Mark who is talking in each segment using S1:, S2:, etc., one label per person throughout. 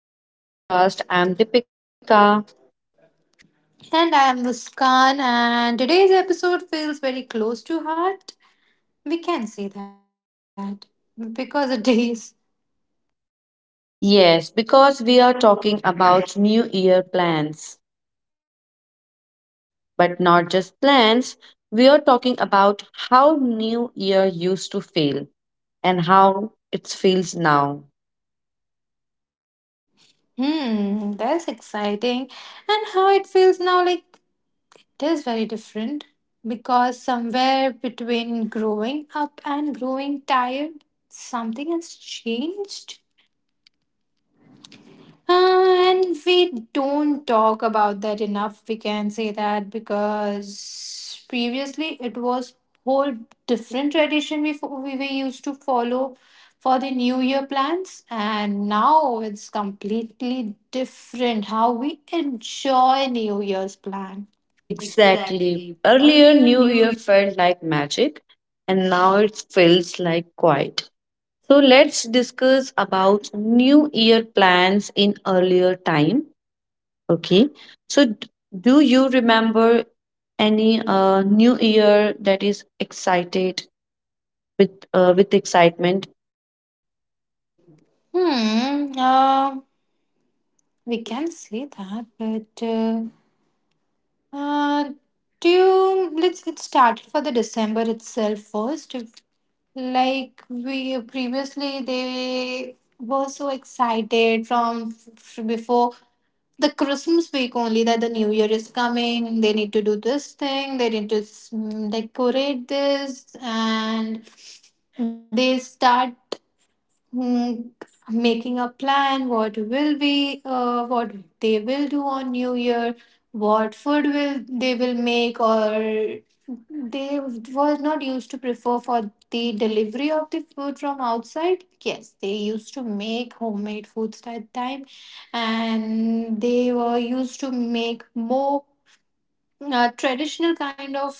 S1: Welcome back to our podcast. I'm Deepika.
S2: And I am Muskan, and today's episode feels very close to heart. We can say that because it is.
S1: Yes, because we are talking about New Year plans, but not just plans. We are talking about how New Year used to feel and how it feels now.
S2: That's exciting. And how it feels now, like, it is very different because somewhere between growing up and growing tired, something has changed. And we don't talk about that enough. We can say that because previously it was whole different tradition we were used to follow for the new year plans, and now it's completely different how we enjoy new year's plan.
S1: Exactly. Earlier, New Year felt like magic, and now it feels like quiet. So let's discuss about New Year plans in earlier time. Okay. So, d- do you remember any new year that is excited with with excitement?
S2: Hmm. Uh, we can say that, but Uh, do you let's get started for the December itself first. If- Like we Previously, they were so excited from before the Christmas week only that the New Year is coming. They need to do this thing. They need to, decorate this, and they start mm, making a plan what will we what they will do on new year, what food will they will make. Or they was not used to prefer for the delivery of the food from outside. Yes, they used to make homemade foods that time, and they were used to make more traditional kind of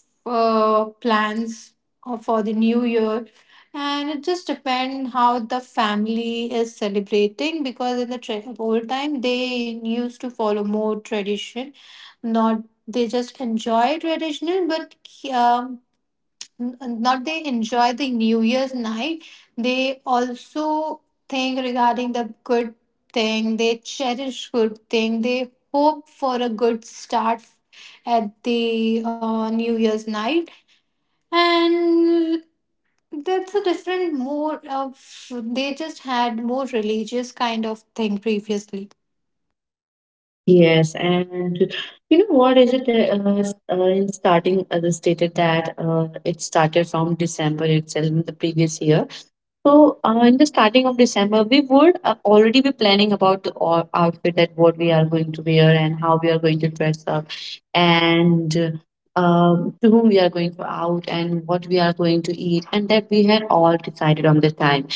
S2: uh, plans for the new year. And it just depends how the family is celebrating, because in the old time they used to follow more tradition. Not they just enjoy traditional, but um n- not they enjoy the new year's night, they also think regarding the good thing, they cherish good thing, they hope for a good start at the new year's night. And that's a different more of, they just had more religious kind of thing previously.
S1: Yes, and you know what is it? In starting, they stated that it started from December itself in the previous year. So, in the starting of December, we would already be planning about the outfit that what we are going to wear and how we are going to dress up, and to whom we are going to out and what we are going to eat, and that we had all decided on the time.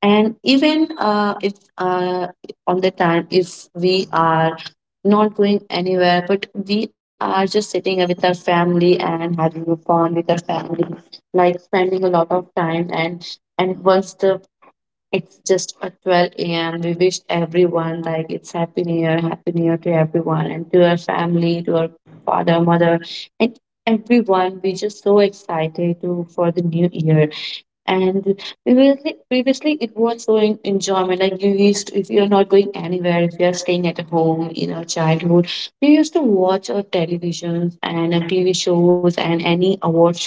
S1: And even if on the time, if we are not going anywhere, but we are just sitting with our family and having fun with our family, like spending a lot of time and once the it's just at 12 a.m. We wish everyone like it's happy new year to everyone and to our family, to our father, mother, and everyone. We just so excited to for the new year. And previously it was so enjoyment. Like you used, if you're not going anywhere, if you're staying at home in our childhood, we used to watch our televisions and our TV shows and any award show.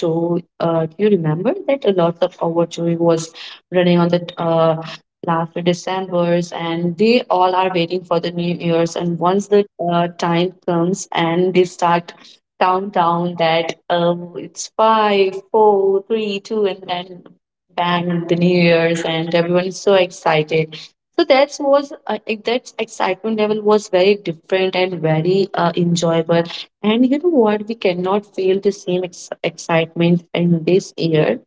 S1: Do you remember that a lot of award show was running on the last December's, and they all are waiting for the New Year's. And once the time comes, and they start countdown that it's five, four, three, two, and then bang the new year's and everyone is so excited so that was that excitement level was very different and very enjoyable and you know what we cannot feel the same excitement in this year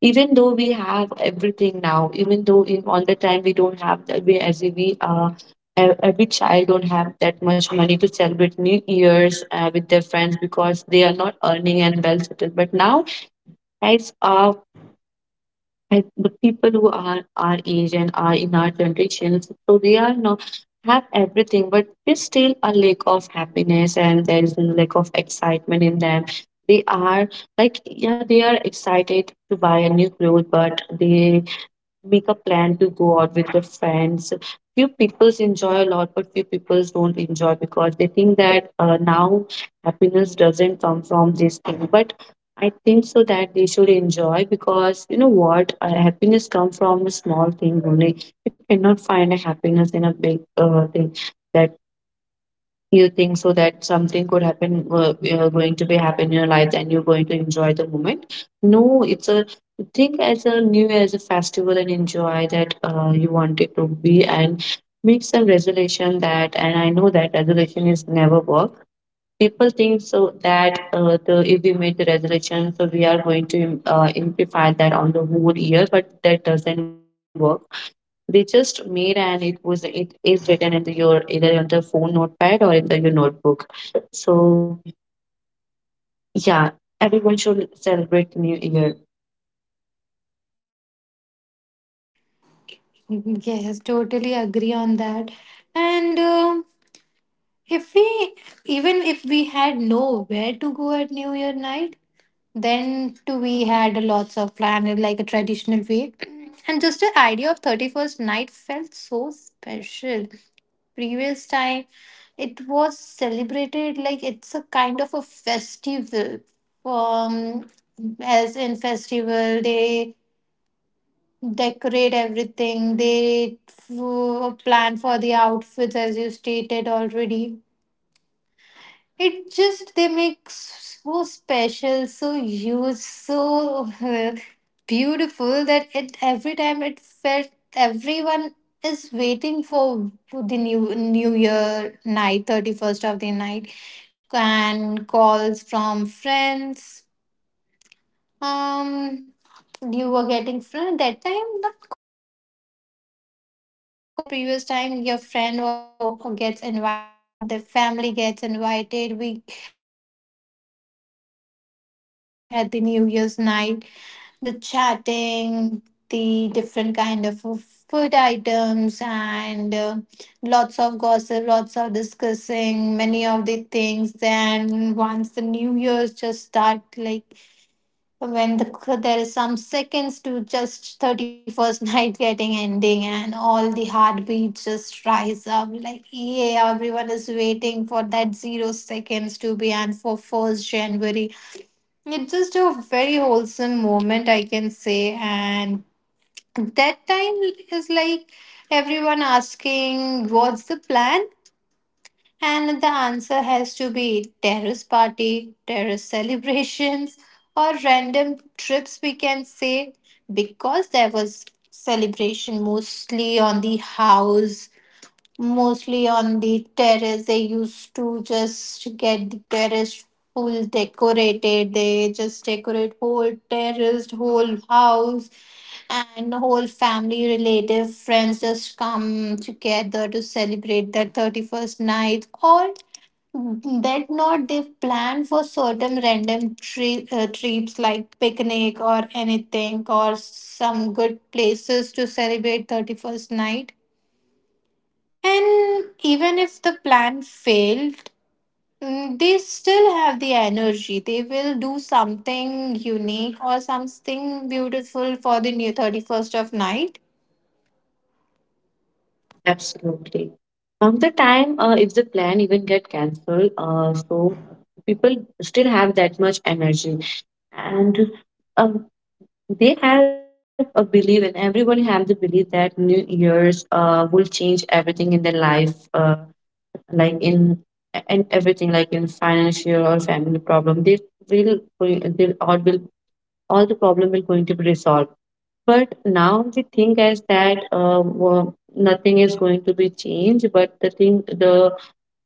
S1: even though we have everything now even though in all the time we don't have the we as if we every child don't have that much money to celebrate new year's with their friends because they are not earning and well settled but now as I, the people who are our age and are in our generations, so they are not have everything, but there's still a lack of happiness and there is a lack of excitement in them. They are like yeah, they are excited to buy a new clothes, but they make a plan to go out with the friends. Few people enjoy a lot, but few people don't enjoy because they think that now happiness doesn't come from this thing. But I think so that they should enjoy because you know what, happiness comes from a small thing only. You cannot find a happiness in a big thing. That you think so that something could happen going to be happen in your life and you're going to enjoy the moment, no it's a think as a new year as a festival and enjoy that you want it to be and make some resolution that and I know that resolution is never work. People think so that the if we made the resolution so we are going to amplify that on the whole year but that doesn't work. They just made and it is written in the, your either on the phone notepad or in the, your notebook. So yeah, everyone should celebrate new year
S2: Yes, totally agree on that. And um if we even if we had nowhere to go at new year night, then too we had lots of plan in like a traditional way. And just the idea of 31st night felt so special. Previous time it was celebrated like it's a kind of a festival. Um as in festival they decorate everything, they plan for the outfits as you stated already. It just they make so special, so huge, so beautiful that it every time it felt everyone is waiting for the new New Year night, 31st of the night, and calls from friends. Um, you were getting friend at that time, not calls that much, we can say. Previous time your friend also gets invited, the family gets invited, we plan for the get together for with the family at the new year's night. The chatting, the different kind of food items, and lots of gossip, lots of discussing many of the things. Then once the new year's just start, like when the, there is some seconds to just 31st night getting ending, and all the heartbeats just rise up, like yeah, everyone is waiting for that 0 seconds to be, and for 1st january it's just a very wholesome moment, I can say. And that time is like, everyone asking what's the plan, and the answer has to be terrace party, terrace celebrations, or random trips, we can say, because there was celebration mostly on the house, mostly on the terrace. They used to just get the terrace full decorated. They just decorate whole terrace, whole house, and whole family, relative, friends just come together to celebrate that 31st night. Or that not, they plan for certain random trips like picnic or anything, or some good places to celebrate 31st night. And even if the plan failed, they still have the energy, they will do something unique or something beautiful for the new 31st of night.
S1: absolutely on the time. If the plan even get cancelled, so people still have that much energy and um, they have a belief and everyone have the belief that new years will change everything in their life, like in everything like in financial or family problem they will they all will all the problem will going to be resolved. But now the thing is that nothing is going to be changed but the thing the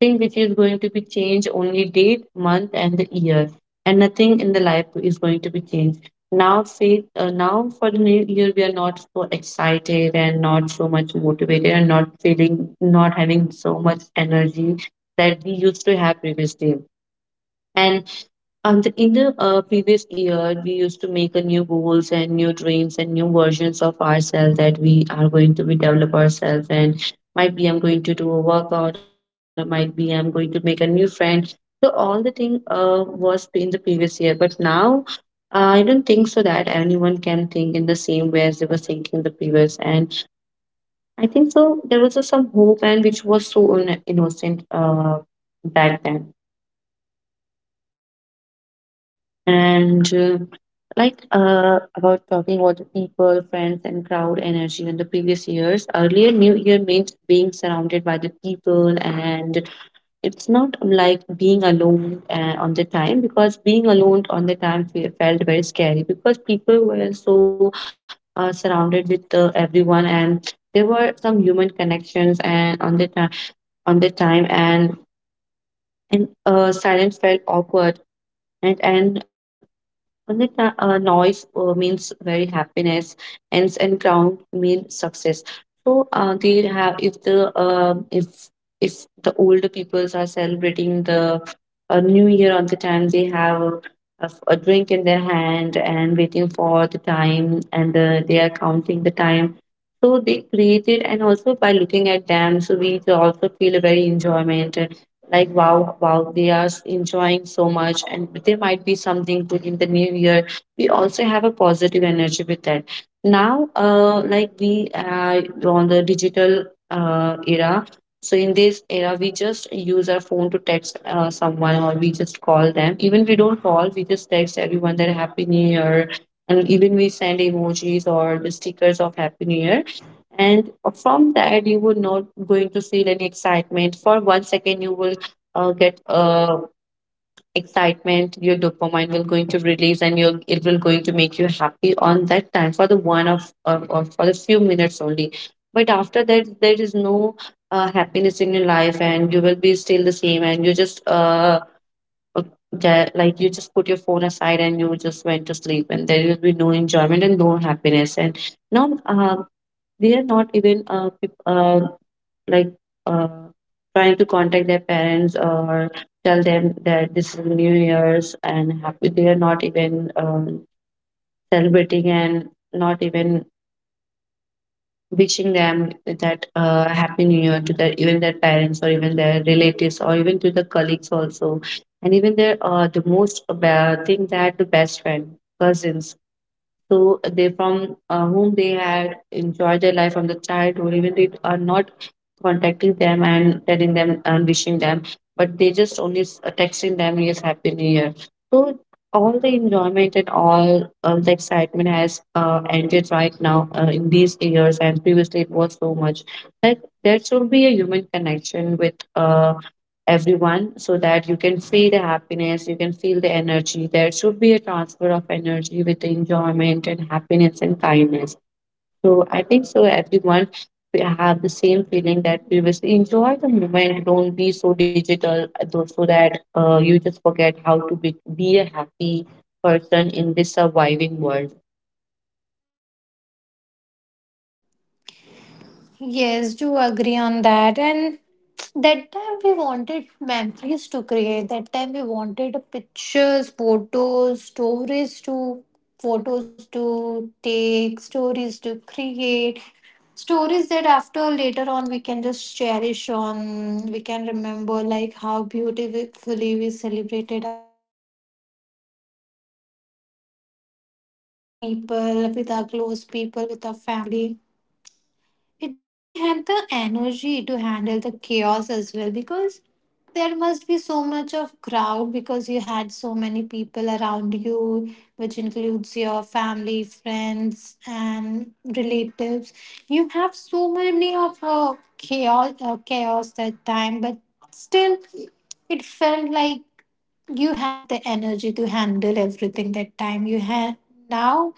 S1: thing which is going to be changed only date, month, and the year, and nothing in the life is going to be changed. Now, faith. Now for the new year, we are not so excited and not so much motivated and not feeling, not having so much energy that we used to have previously. and. And in the previous year, we used to make a new goals and new dreams and new versions of ourselves that we are going to be develop ourselves and might be I'm going to do a workout or might be I'm going to make a new friend. So all the thing was in the previous year, but now I don't think so that anyone can think in the same way as they were thinking the previous. And I think so there was some hope and which was so innocent back then. And Like about talking about the people friends and crowd energy in the previous years earlier new year meant being surrounded by the people and it's not like being alone on the time because being alone on the time felt very scary because people were so surrounded with everyone and there were some human connections and on the time and silence felt awkward and noise means very happiness, ends and crown mean success. So they have if if the older peoples are celebrating the new year on the time they have a drink in their hand and waiting for the time and they are counting the time. So they created and also by looking at them, so we also feel a very enjoyment like wow they are enjoying so much and there might be something good in the new year, we also have a positive energy with that. Now like we are on the digital era, so in this era we just use our phone to text someone or we just call them, even we don't call we just text everyone that happy new year, and even we send emojis or the stickers of happy new year. And from that you will not going to feel any excitement for 1 second. You will get excitement, your dopamine will going to release and you'll, it will going to make you happy on that time for the one of or for the few minutes only. But after that there is no happiness in your life and you will be still the same and just uh, like you just put your phone aside and you just went to sleep and there will be no enjoyment and no happiness and now they are not even like uh trying to contact their parents or tell them that this is new year's and happy. They are not even celebrating and not even wishing them that happy new year to their even their parents or even their relatives or even to the colleagues also, and even their the most thing that the best friend, cousins, so they from whom they had enjoyed their life from the childhood, even they are not contacting them and telling them and wishing them, but they just only texting them, yes, happy new year. So all the enjoyment and all the excitement has ended right now in these years, and previously it was so much. Like there should be a human connection with everyone so that you can feel the happiness, you can feel the energy. There should be a transfer of energy with the enjoyment and happiness and kindness. So I think so everyone will have the same feeling that previously enjoy the moment, don't be so digital though, so that you just forget how to be a happy person in this surviving world.
S2: Yes, do agree on that. And that time we wanted memories to create. That time we wanted pictures, photos, stories to photos to take, stories to create, stories that after later on we can just cherish on. We can remember like how beautifully we celebrated our 31st night with our people, with our close people, with our family. It And we had the energy to handle the chaos as well, because there must be so much of crowd because you had so many people around you, which includes your family, friends, and relatives. You have so many of chaos that time, but still, it felt like you have the energy to handle everything that time. You had now,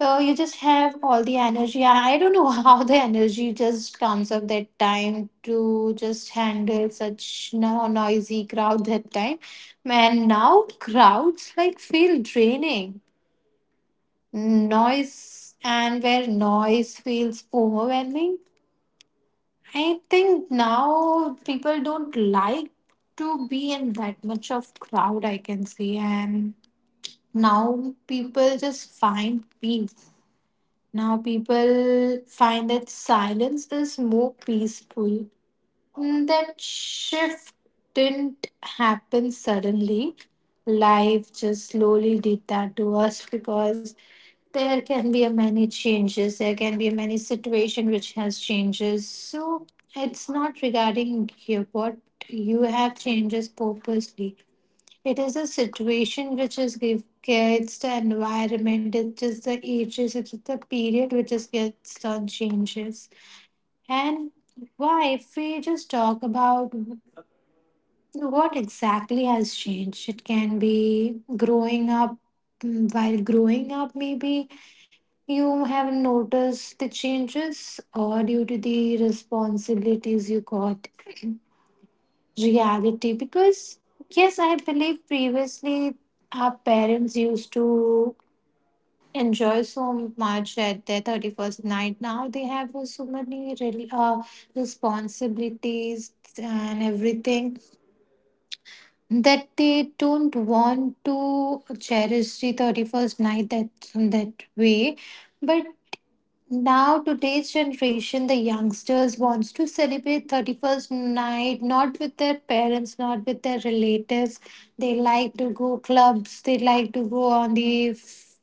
S2: so you just have all the energy. I don't know how the energy just comes up that time to just handle such no noisy crowd that time. Man, now crowds like feel draining. Noise and where noise feels overwhelming. I think now people don't like to be in that much of crowd, I can see. And now people just find peace. Now people find that silence is more peaceful. That shift didn't happen suddenly. Life just slowly did that to us, because there can be a many changes. There can be many situation which has changes. So it's not regarding you, what you have changes purposely. It is a situation which is give gets the environment, it is the ages, it is the period which is gets the changes. And why, if we just talk about what exactly has changed, it can be growing up. While growing up, maybe you have noticed the changes, or due to the responsibilities you got reality. Because yes, I believe previously our parents used to enjoy so much at their 31st night. Now they have so many really, responsibilities and everything that they don't want to cherish the 31st night that that way. But now, today's generation, the youngsters wants to celebrate 31st night, not with their parents, not with their relatives. They like to go clubs, they like to go on the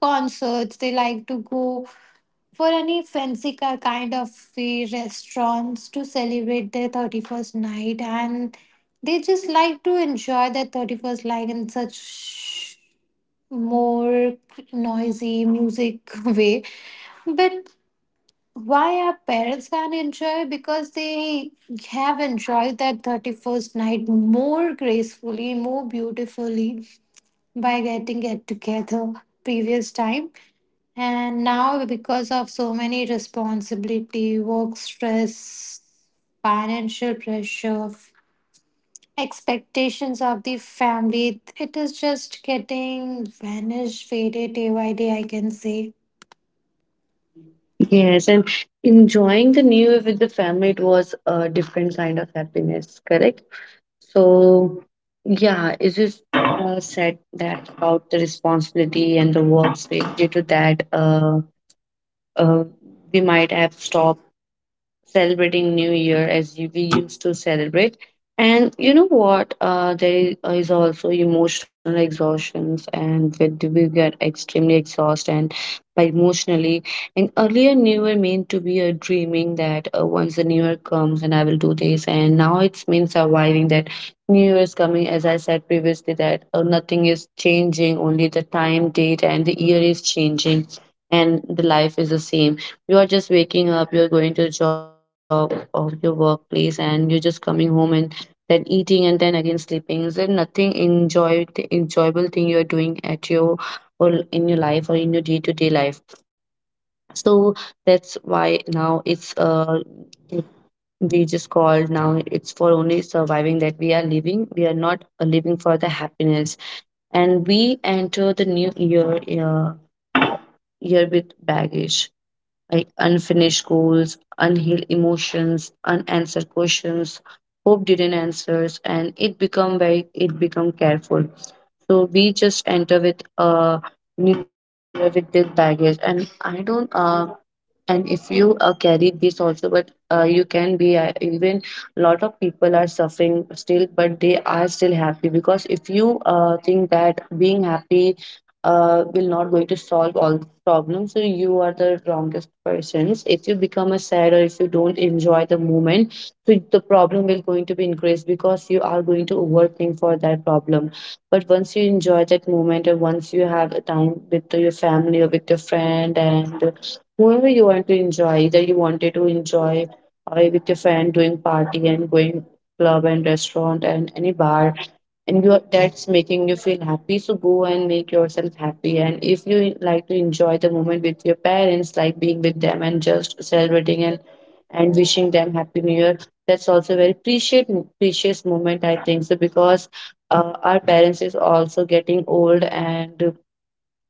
S2: concerts, they like to go for any fancy kind of restaurants to celebrate their 31st night. And they just like to enjoy their 31st night in such more noisy music way. But why our parents can't enjoy, because they have enjoyed that 31st night more gracefully, more beautifully, by getting it together previous time. And now, because of so many responsibility, work stress, financial pressure, expectations of the family, it is just getting vanished, faded day by day, I can say.
S1: Yes, and enjoying the new year with the family, it was a different kind of happiness, correct? So, yeah, it is said that about the responsibility and the work space. Due to that, uh, we might have stopped celebrating New Year as we used to celebrate. And you know what? There is also emotional exhaustions, and when we get extremely exhausted and by emotionally. And earlier, New Year meant to be a dreaming that once the New Year comes, and I will do this. And now it's means surviving that New Year is coming. As I said previously, that nothing is changing, only the time, date, and the year is changing, and the life is the same. You are just waking up, you're going to job or your workplace, and you're just coming home and then eating and then again sleeping. Is there nothing enjoyable thing you're doing at your or in your life or in your day-to-day life? So that's why now it's, we just called, now it's for only surviving, that we are living, we are not living for the happiness. And we enter the new year uh, year with baggage, like unfinished goals, unhealed emotions, unanswered questions, hope didn't answers, and it become very, it become careful. So we just enter with a new year with this baggage, and I don't and if you carry this also, but you can be even. Lot of people are suffering still, but they are still happy, because if you think that being happy will not going to solve all the problems, so you are the wrongest persons if you become a sad or if you don't enjoy the moment. So the problem will going to be increased because you are going to overthink for that problem. But once you enjoy that moment, or once you have a time with your family or with your friend, and whoever you want to enjoy, either you wanted to enjoy with your friend doing party and going club and restaurant and any bar, and you, that's making you feel happy, so go and make yourself happy. And if you like to enjoy the moment with your parents, like being with them and just celebrating and wishing them happy new year, that's also very precious moment, I think so. Because our parents is also getting old, and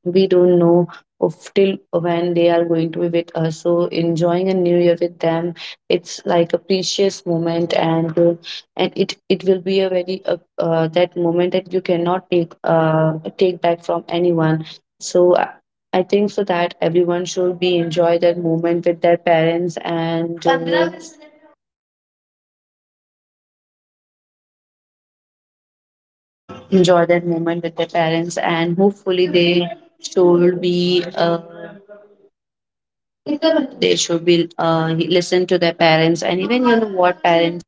S1: we don't know of till when they are going to be with us, so enjoying a new year with them, it's like a precious moment. And it will be a very that moment that you cannot take back from anyone. So I think so that everyone should be enjoy that moment with their parents, and enjoy that moment with their parents and hopefully they should be they should be listen to their parents. And even you know what parents,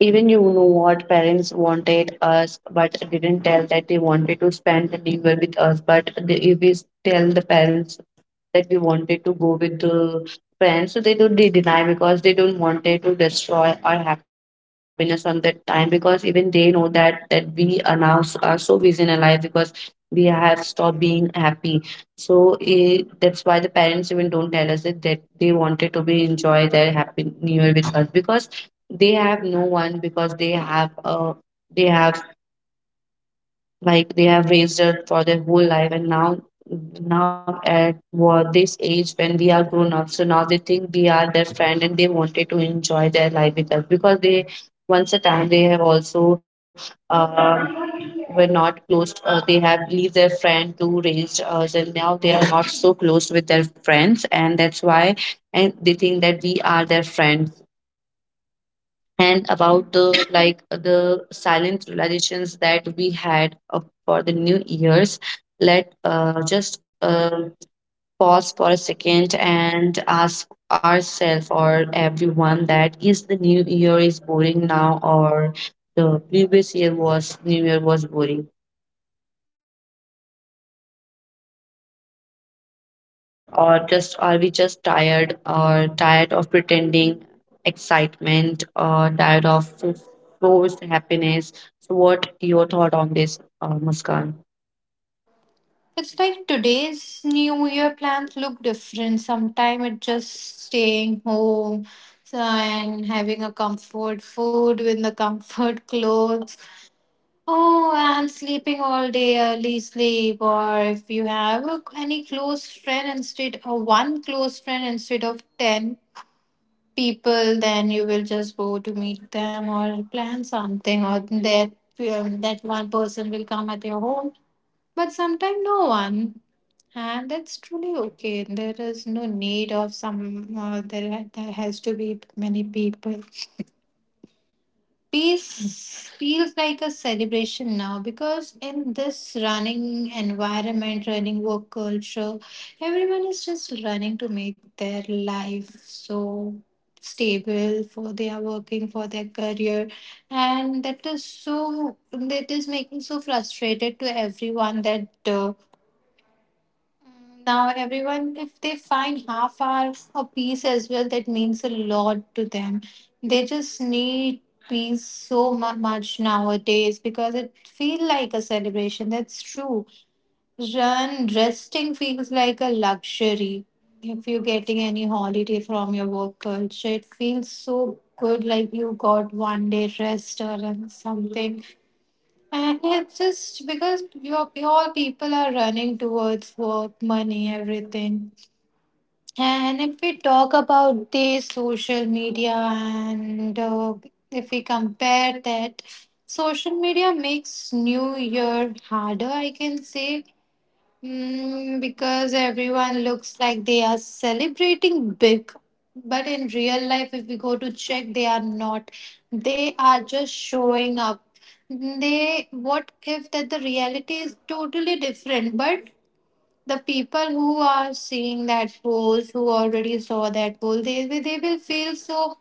S1: even you know what, parents wanted us, but didn't tell that they wanted to spend the new year with us. But they, if we tell the parents that we wanted to go with the friends, so they deny, because they don't wanted to destroy our happiness on that time, because even they know that that we are now are so busy in our life, because we have stopped being happy. So that's why the parents even don't tell us it that they wanted to be enjoy their happy new year with us, because they have no one, because they have, like, they have raised us for their whole life, and now, now at what this age when we are grown up, so now they think we are their friend and they wanted to enjoy their life with us. Because they, once a time, they have also uh, were not they have leave their friend to raise us, and now they are not so close with their friends, and that's why, and they think that we are their friend. And about the, like, the silent realizations that we had for the new years, let just pause for a second and ask ourselves or everyone that, is the new year is boring now, or the previous year was new year was boring, or just, are we just tired, or tired of pretending excitement, or tired of forced happiness? So what your thought on this, Muskan?
S2: It's like today's New Year plans look different. Sometimes it's just staying home, so, and having a comfort food with the comfort clothes. Oh, and sleeping all day, early sleep. Or if you have a, any close friend instead, or one close friend instead of 10 people, then you will just go to meet them or plan something, or that, that one person will come at your home. But sometimes no one. And that's truly okay. There is no need of some. There, ha- There has to be many people. Peace feels like a celebration now, because in this running environment, running work culture, everyone is just running to make their life so stable. For they are working for their career, and that is so. That is making so frustrated to everyone that. Now, everyone, if they find half hour a piece as well, that means a lot to them. They just need peace so much nowadays, because it feel like a celebration. That's true. Run resting feels like a luxury. If you're getting any holiday from your work culture, it feels so good like you got one day rest or something. And it's just because your people are running towards work, money, everything. And if we talk about the social media, and if we compare that, social media makes New Year harder, I can say, because everyone looks like they are celebrating big. But in real life, if we go to check, they are not. They are just showing up. They, what if that the reality is totally different? But the people who are seeing that post, who already saw that post, they will feel so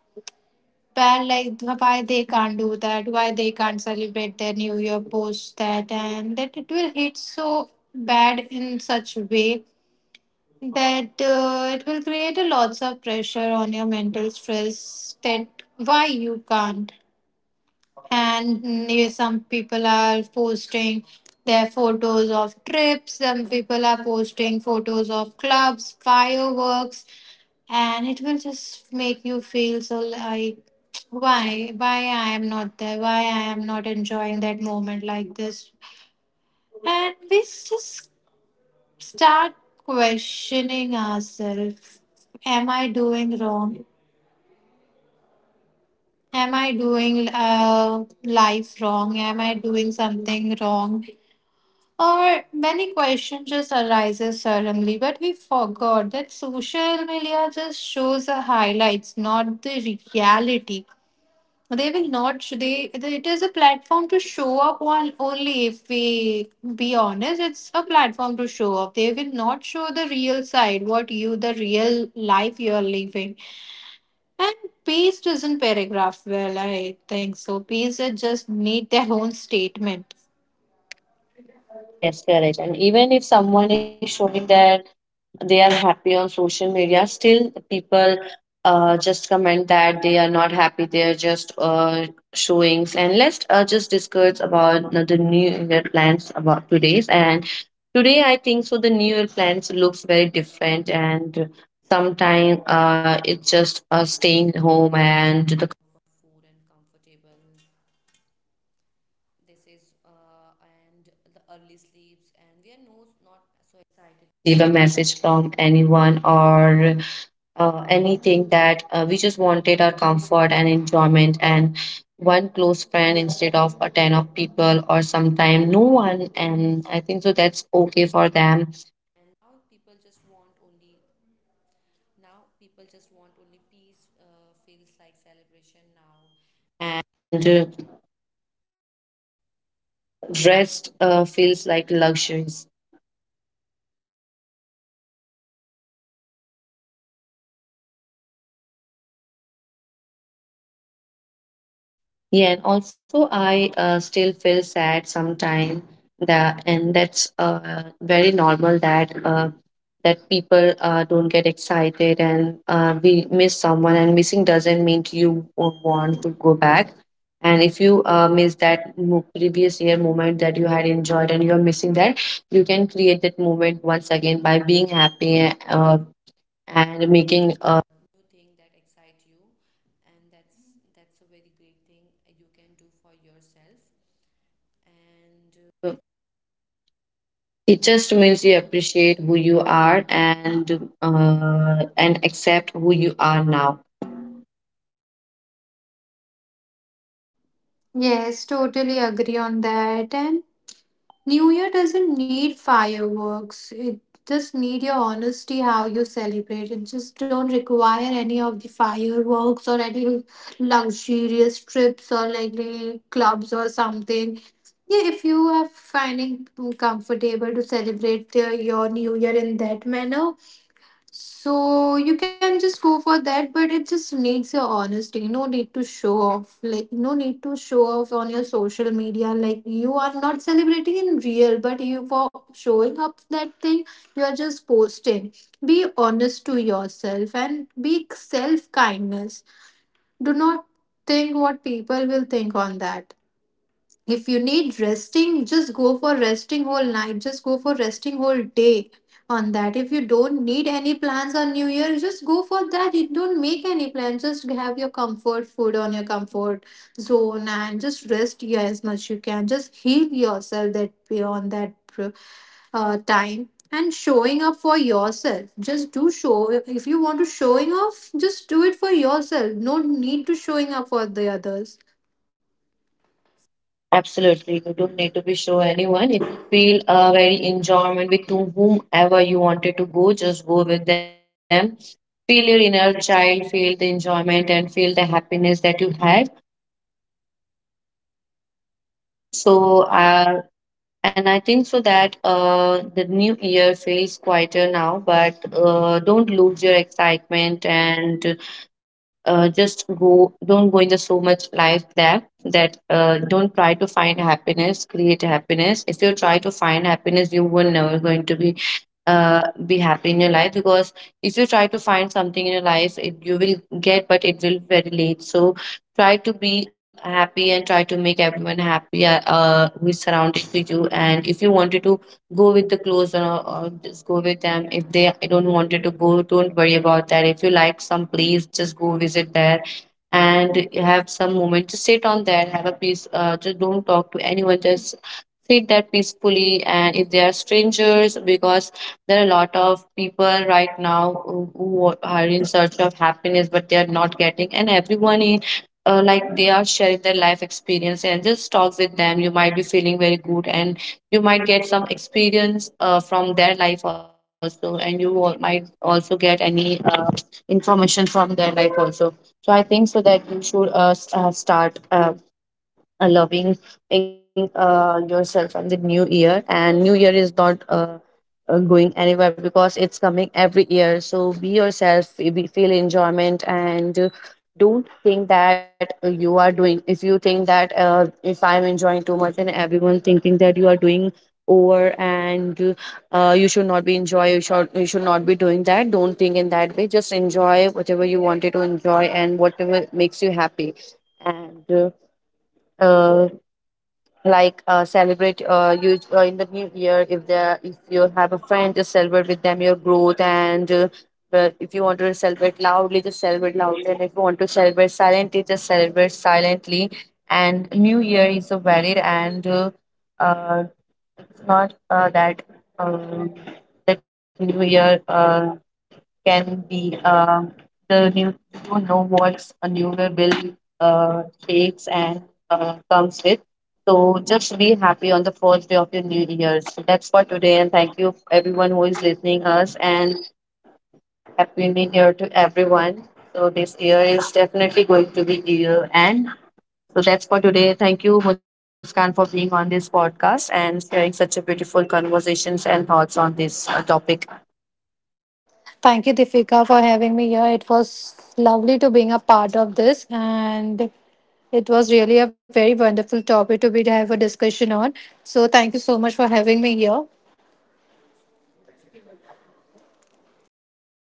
S2: bad like why they can't do that, why they can't celebrate their New Year post that, and that it will hit so bad in such way that it will create a lots of pressure on your mental stress that why you can't. And yeah, some people are posting their photos of trips, some people are posting photos of clubs, fireworks, and it will just make you feel so like, why I am not there, why I am not enjoying that moment like this. And we just start questioning ourselves. Am I doing wrong? Am I doing life wrong? Am I doing something wrong? Or many questions just arises suddenly. But we forgot that social media just shows the highlights, not the reality. They will not. Sh- They, it is a platform to show up on only. If we be honest, it's a platform to show up. They will not show the real side, what you the real life you are living. And peace doesn't paragraph well, I think so. Peace just need their own statement.
S1: Yes, correct. And even if someone is showing their they are happy on social media, still people just comment that they are not happy, they are just showings. And let's just discuss about the new year plans about today's. And today I think so the new year plans looks very different, and sometimes it's just staying home and think that we just wanted our comfort and enjoyment, and one close friend instead of a 10 of people, or sometime no one, and I think so that's okay for them. Rest feels like luxuries. Yeah, and also I still feel sad sometimes, that, and that's very normal that that people don't get excited, and we miss someone, and missing doesn't mean you won't want to go back. And if you miss that previous year moment that you had enjoyed and you're missing that, you can create that moment once again by being happy, and making appreciate who you are, and accept who you are now.
S2: Yes, totally agree on that. And New Year doesn't need fireworks. It just need your honesty how you celebrate. It just don't require any of the fireworks or any luxurious trips or like the clubs or something. Yeah, if you are finding comfortable to celebrate your New Year in that manner, so you can just go for that, but it just needs your honesty. No need to show off. Like no need to show off on your social media. Like you are not celebrating in real, but you for showing up that thing, you are just posting. Be honest to yourself and be self kindness. Do not think what people will think on that. If you need resting, just go for resting whole night, just go for resting whole day on that. If you don't need any plans on new year, just go for that. You don't make any plans, just have your comfort food on your comfort zone and just rest you as much you can, just heal yourself that beyond that time. And showing up for yourself, just do show. If you want to showing off, just do it for yourself, no need to showing up for the others.
S1: Absolutely, you don't need to be show anyone. If you feel very enjoyment with to whomever you wanted to go, just go with them. Feel your inner child, feel the enjoyment, and feel the happiness that you had. So, and I think so that the new year feels quieter now, but don't lose your excitement, and just go don't go in the so much life that don't try to find happiness, create happiness. If you try to find happiness, you will never going to uh, be happy in your life, because if you try to find something in your life, it, you will get, but it will very late. So try to be happy and try to make everyone happy, who is surrounded to you. And if you wanted to go with the clothes, or just go with them. If they don't wanted to go, don't worry about that. If you like some place, just go visit there and have some moment, just sit on there, have a peace, just don't talk to anyone, just sit there peacefully. And if they are strangers, because there are a lot of people right now who are in search of happiness, but they are not getting. And everyone is like they are sharing their life experience, and just talk with them. You might be feeling very good, and you might get some experience from their life also, and you might also get any information from their life also. So I think so that you should start loving in yourself on the new year. And new year is not going anywhere, because it's coming every year. So be yourself, feel enjoyment, and don't think that you are doing. If you think that if I'm enjoying too much, and everyone thinking that you are doing over, and you should not be enjoy, you should not be doing that, don't think in that way, just enjoy whatever you wanted to enjoy and whatever makes you happy. And uh, like uh, celebrate you in the new year. If you have a friend, just celebrate with them your growth. And uh, but if you want to celebrate loudly, just celebrate loudly. If you want to celebrate silently, just celebrate silently. And new year is so valid, and uh, it's not that, um, that new year can be, the new, you don't know what a newer bill takes and comes with. So just be happy on the first day of your new year. So that's for today, and thank you everyone who is listening us, and happy new year to everyone. So this year is definitely going to be year end. So that's for today. Thank you, Muskan, for being on this podcast and sharing such a beautiful conversations and thoughts on this topic.
S2: Thank you, Difika, for having me here. It was lovely to being a part of this, and it was really a very wonderful topic to be to have a discussion on. So, thank you so much for having me here.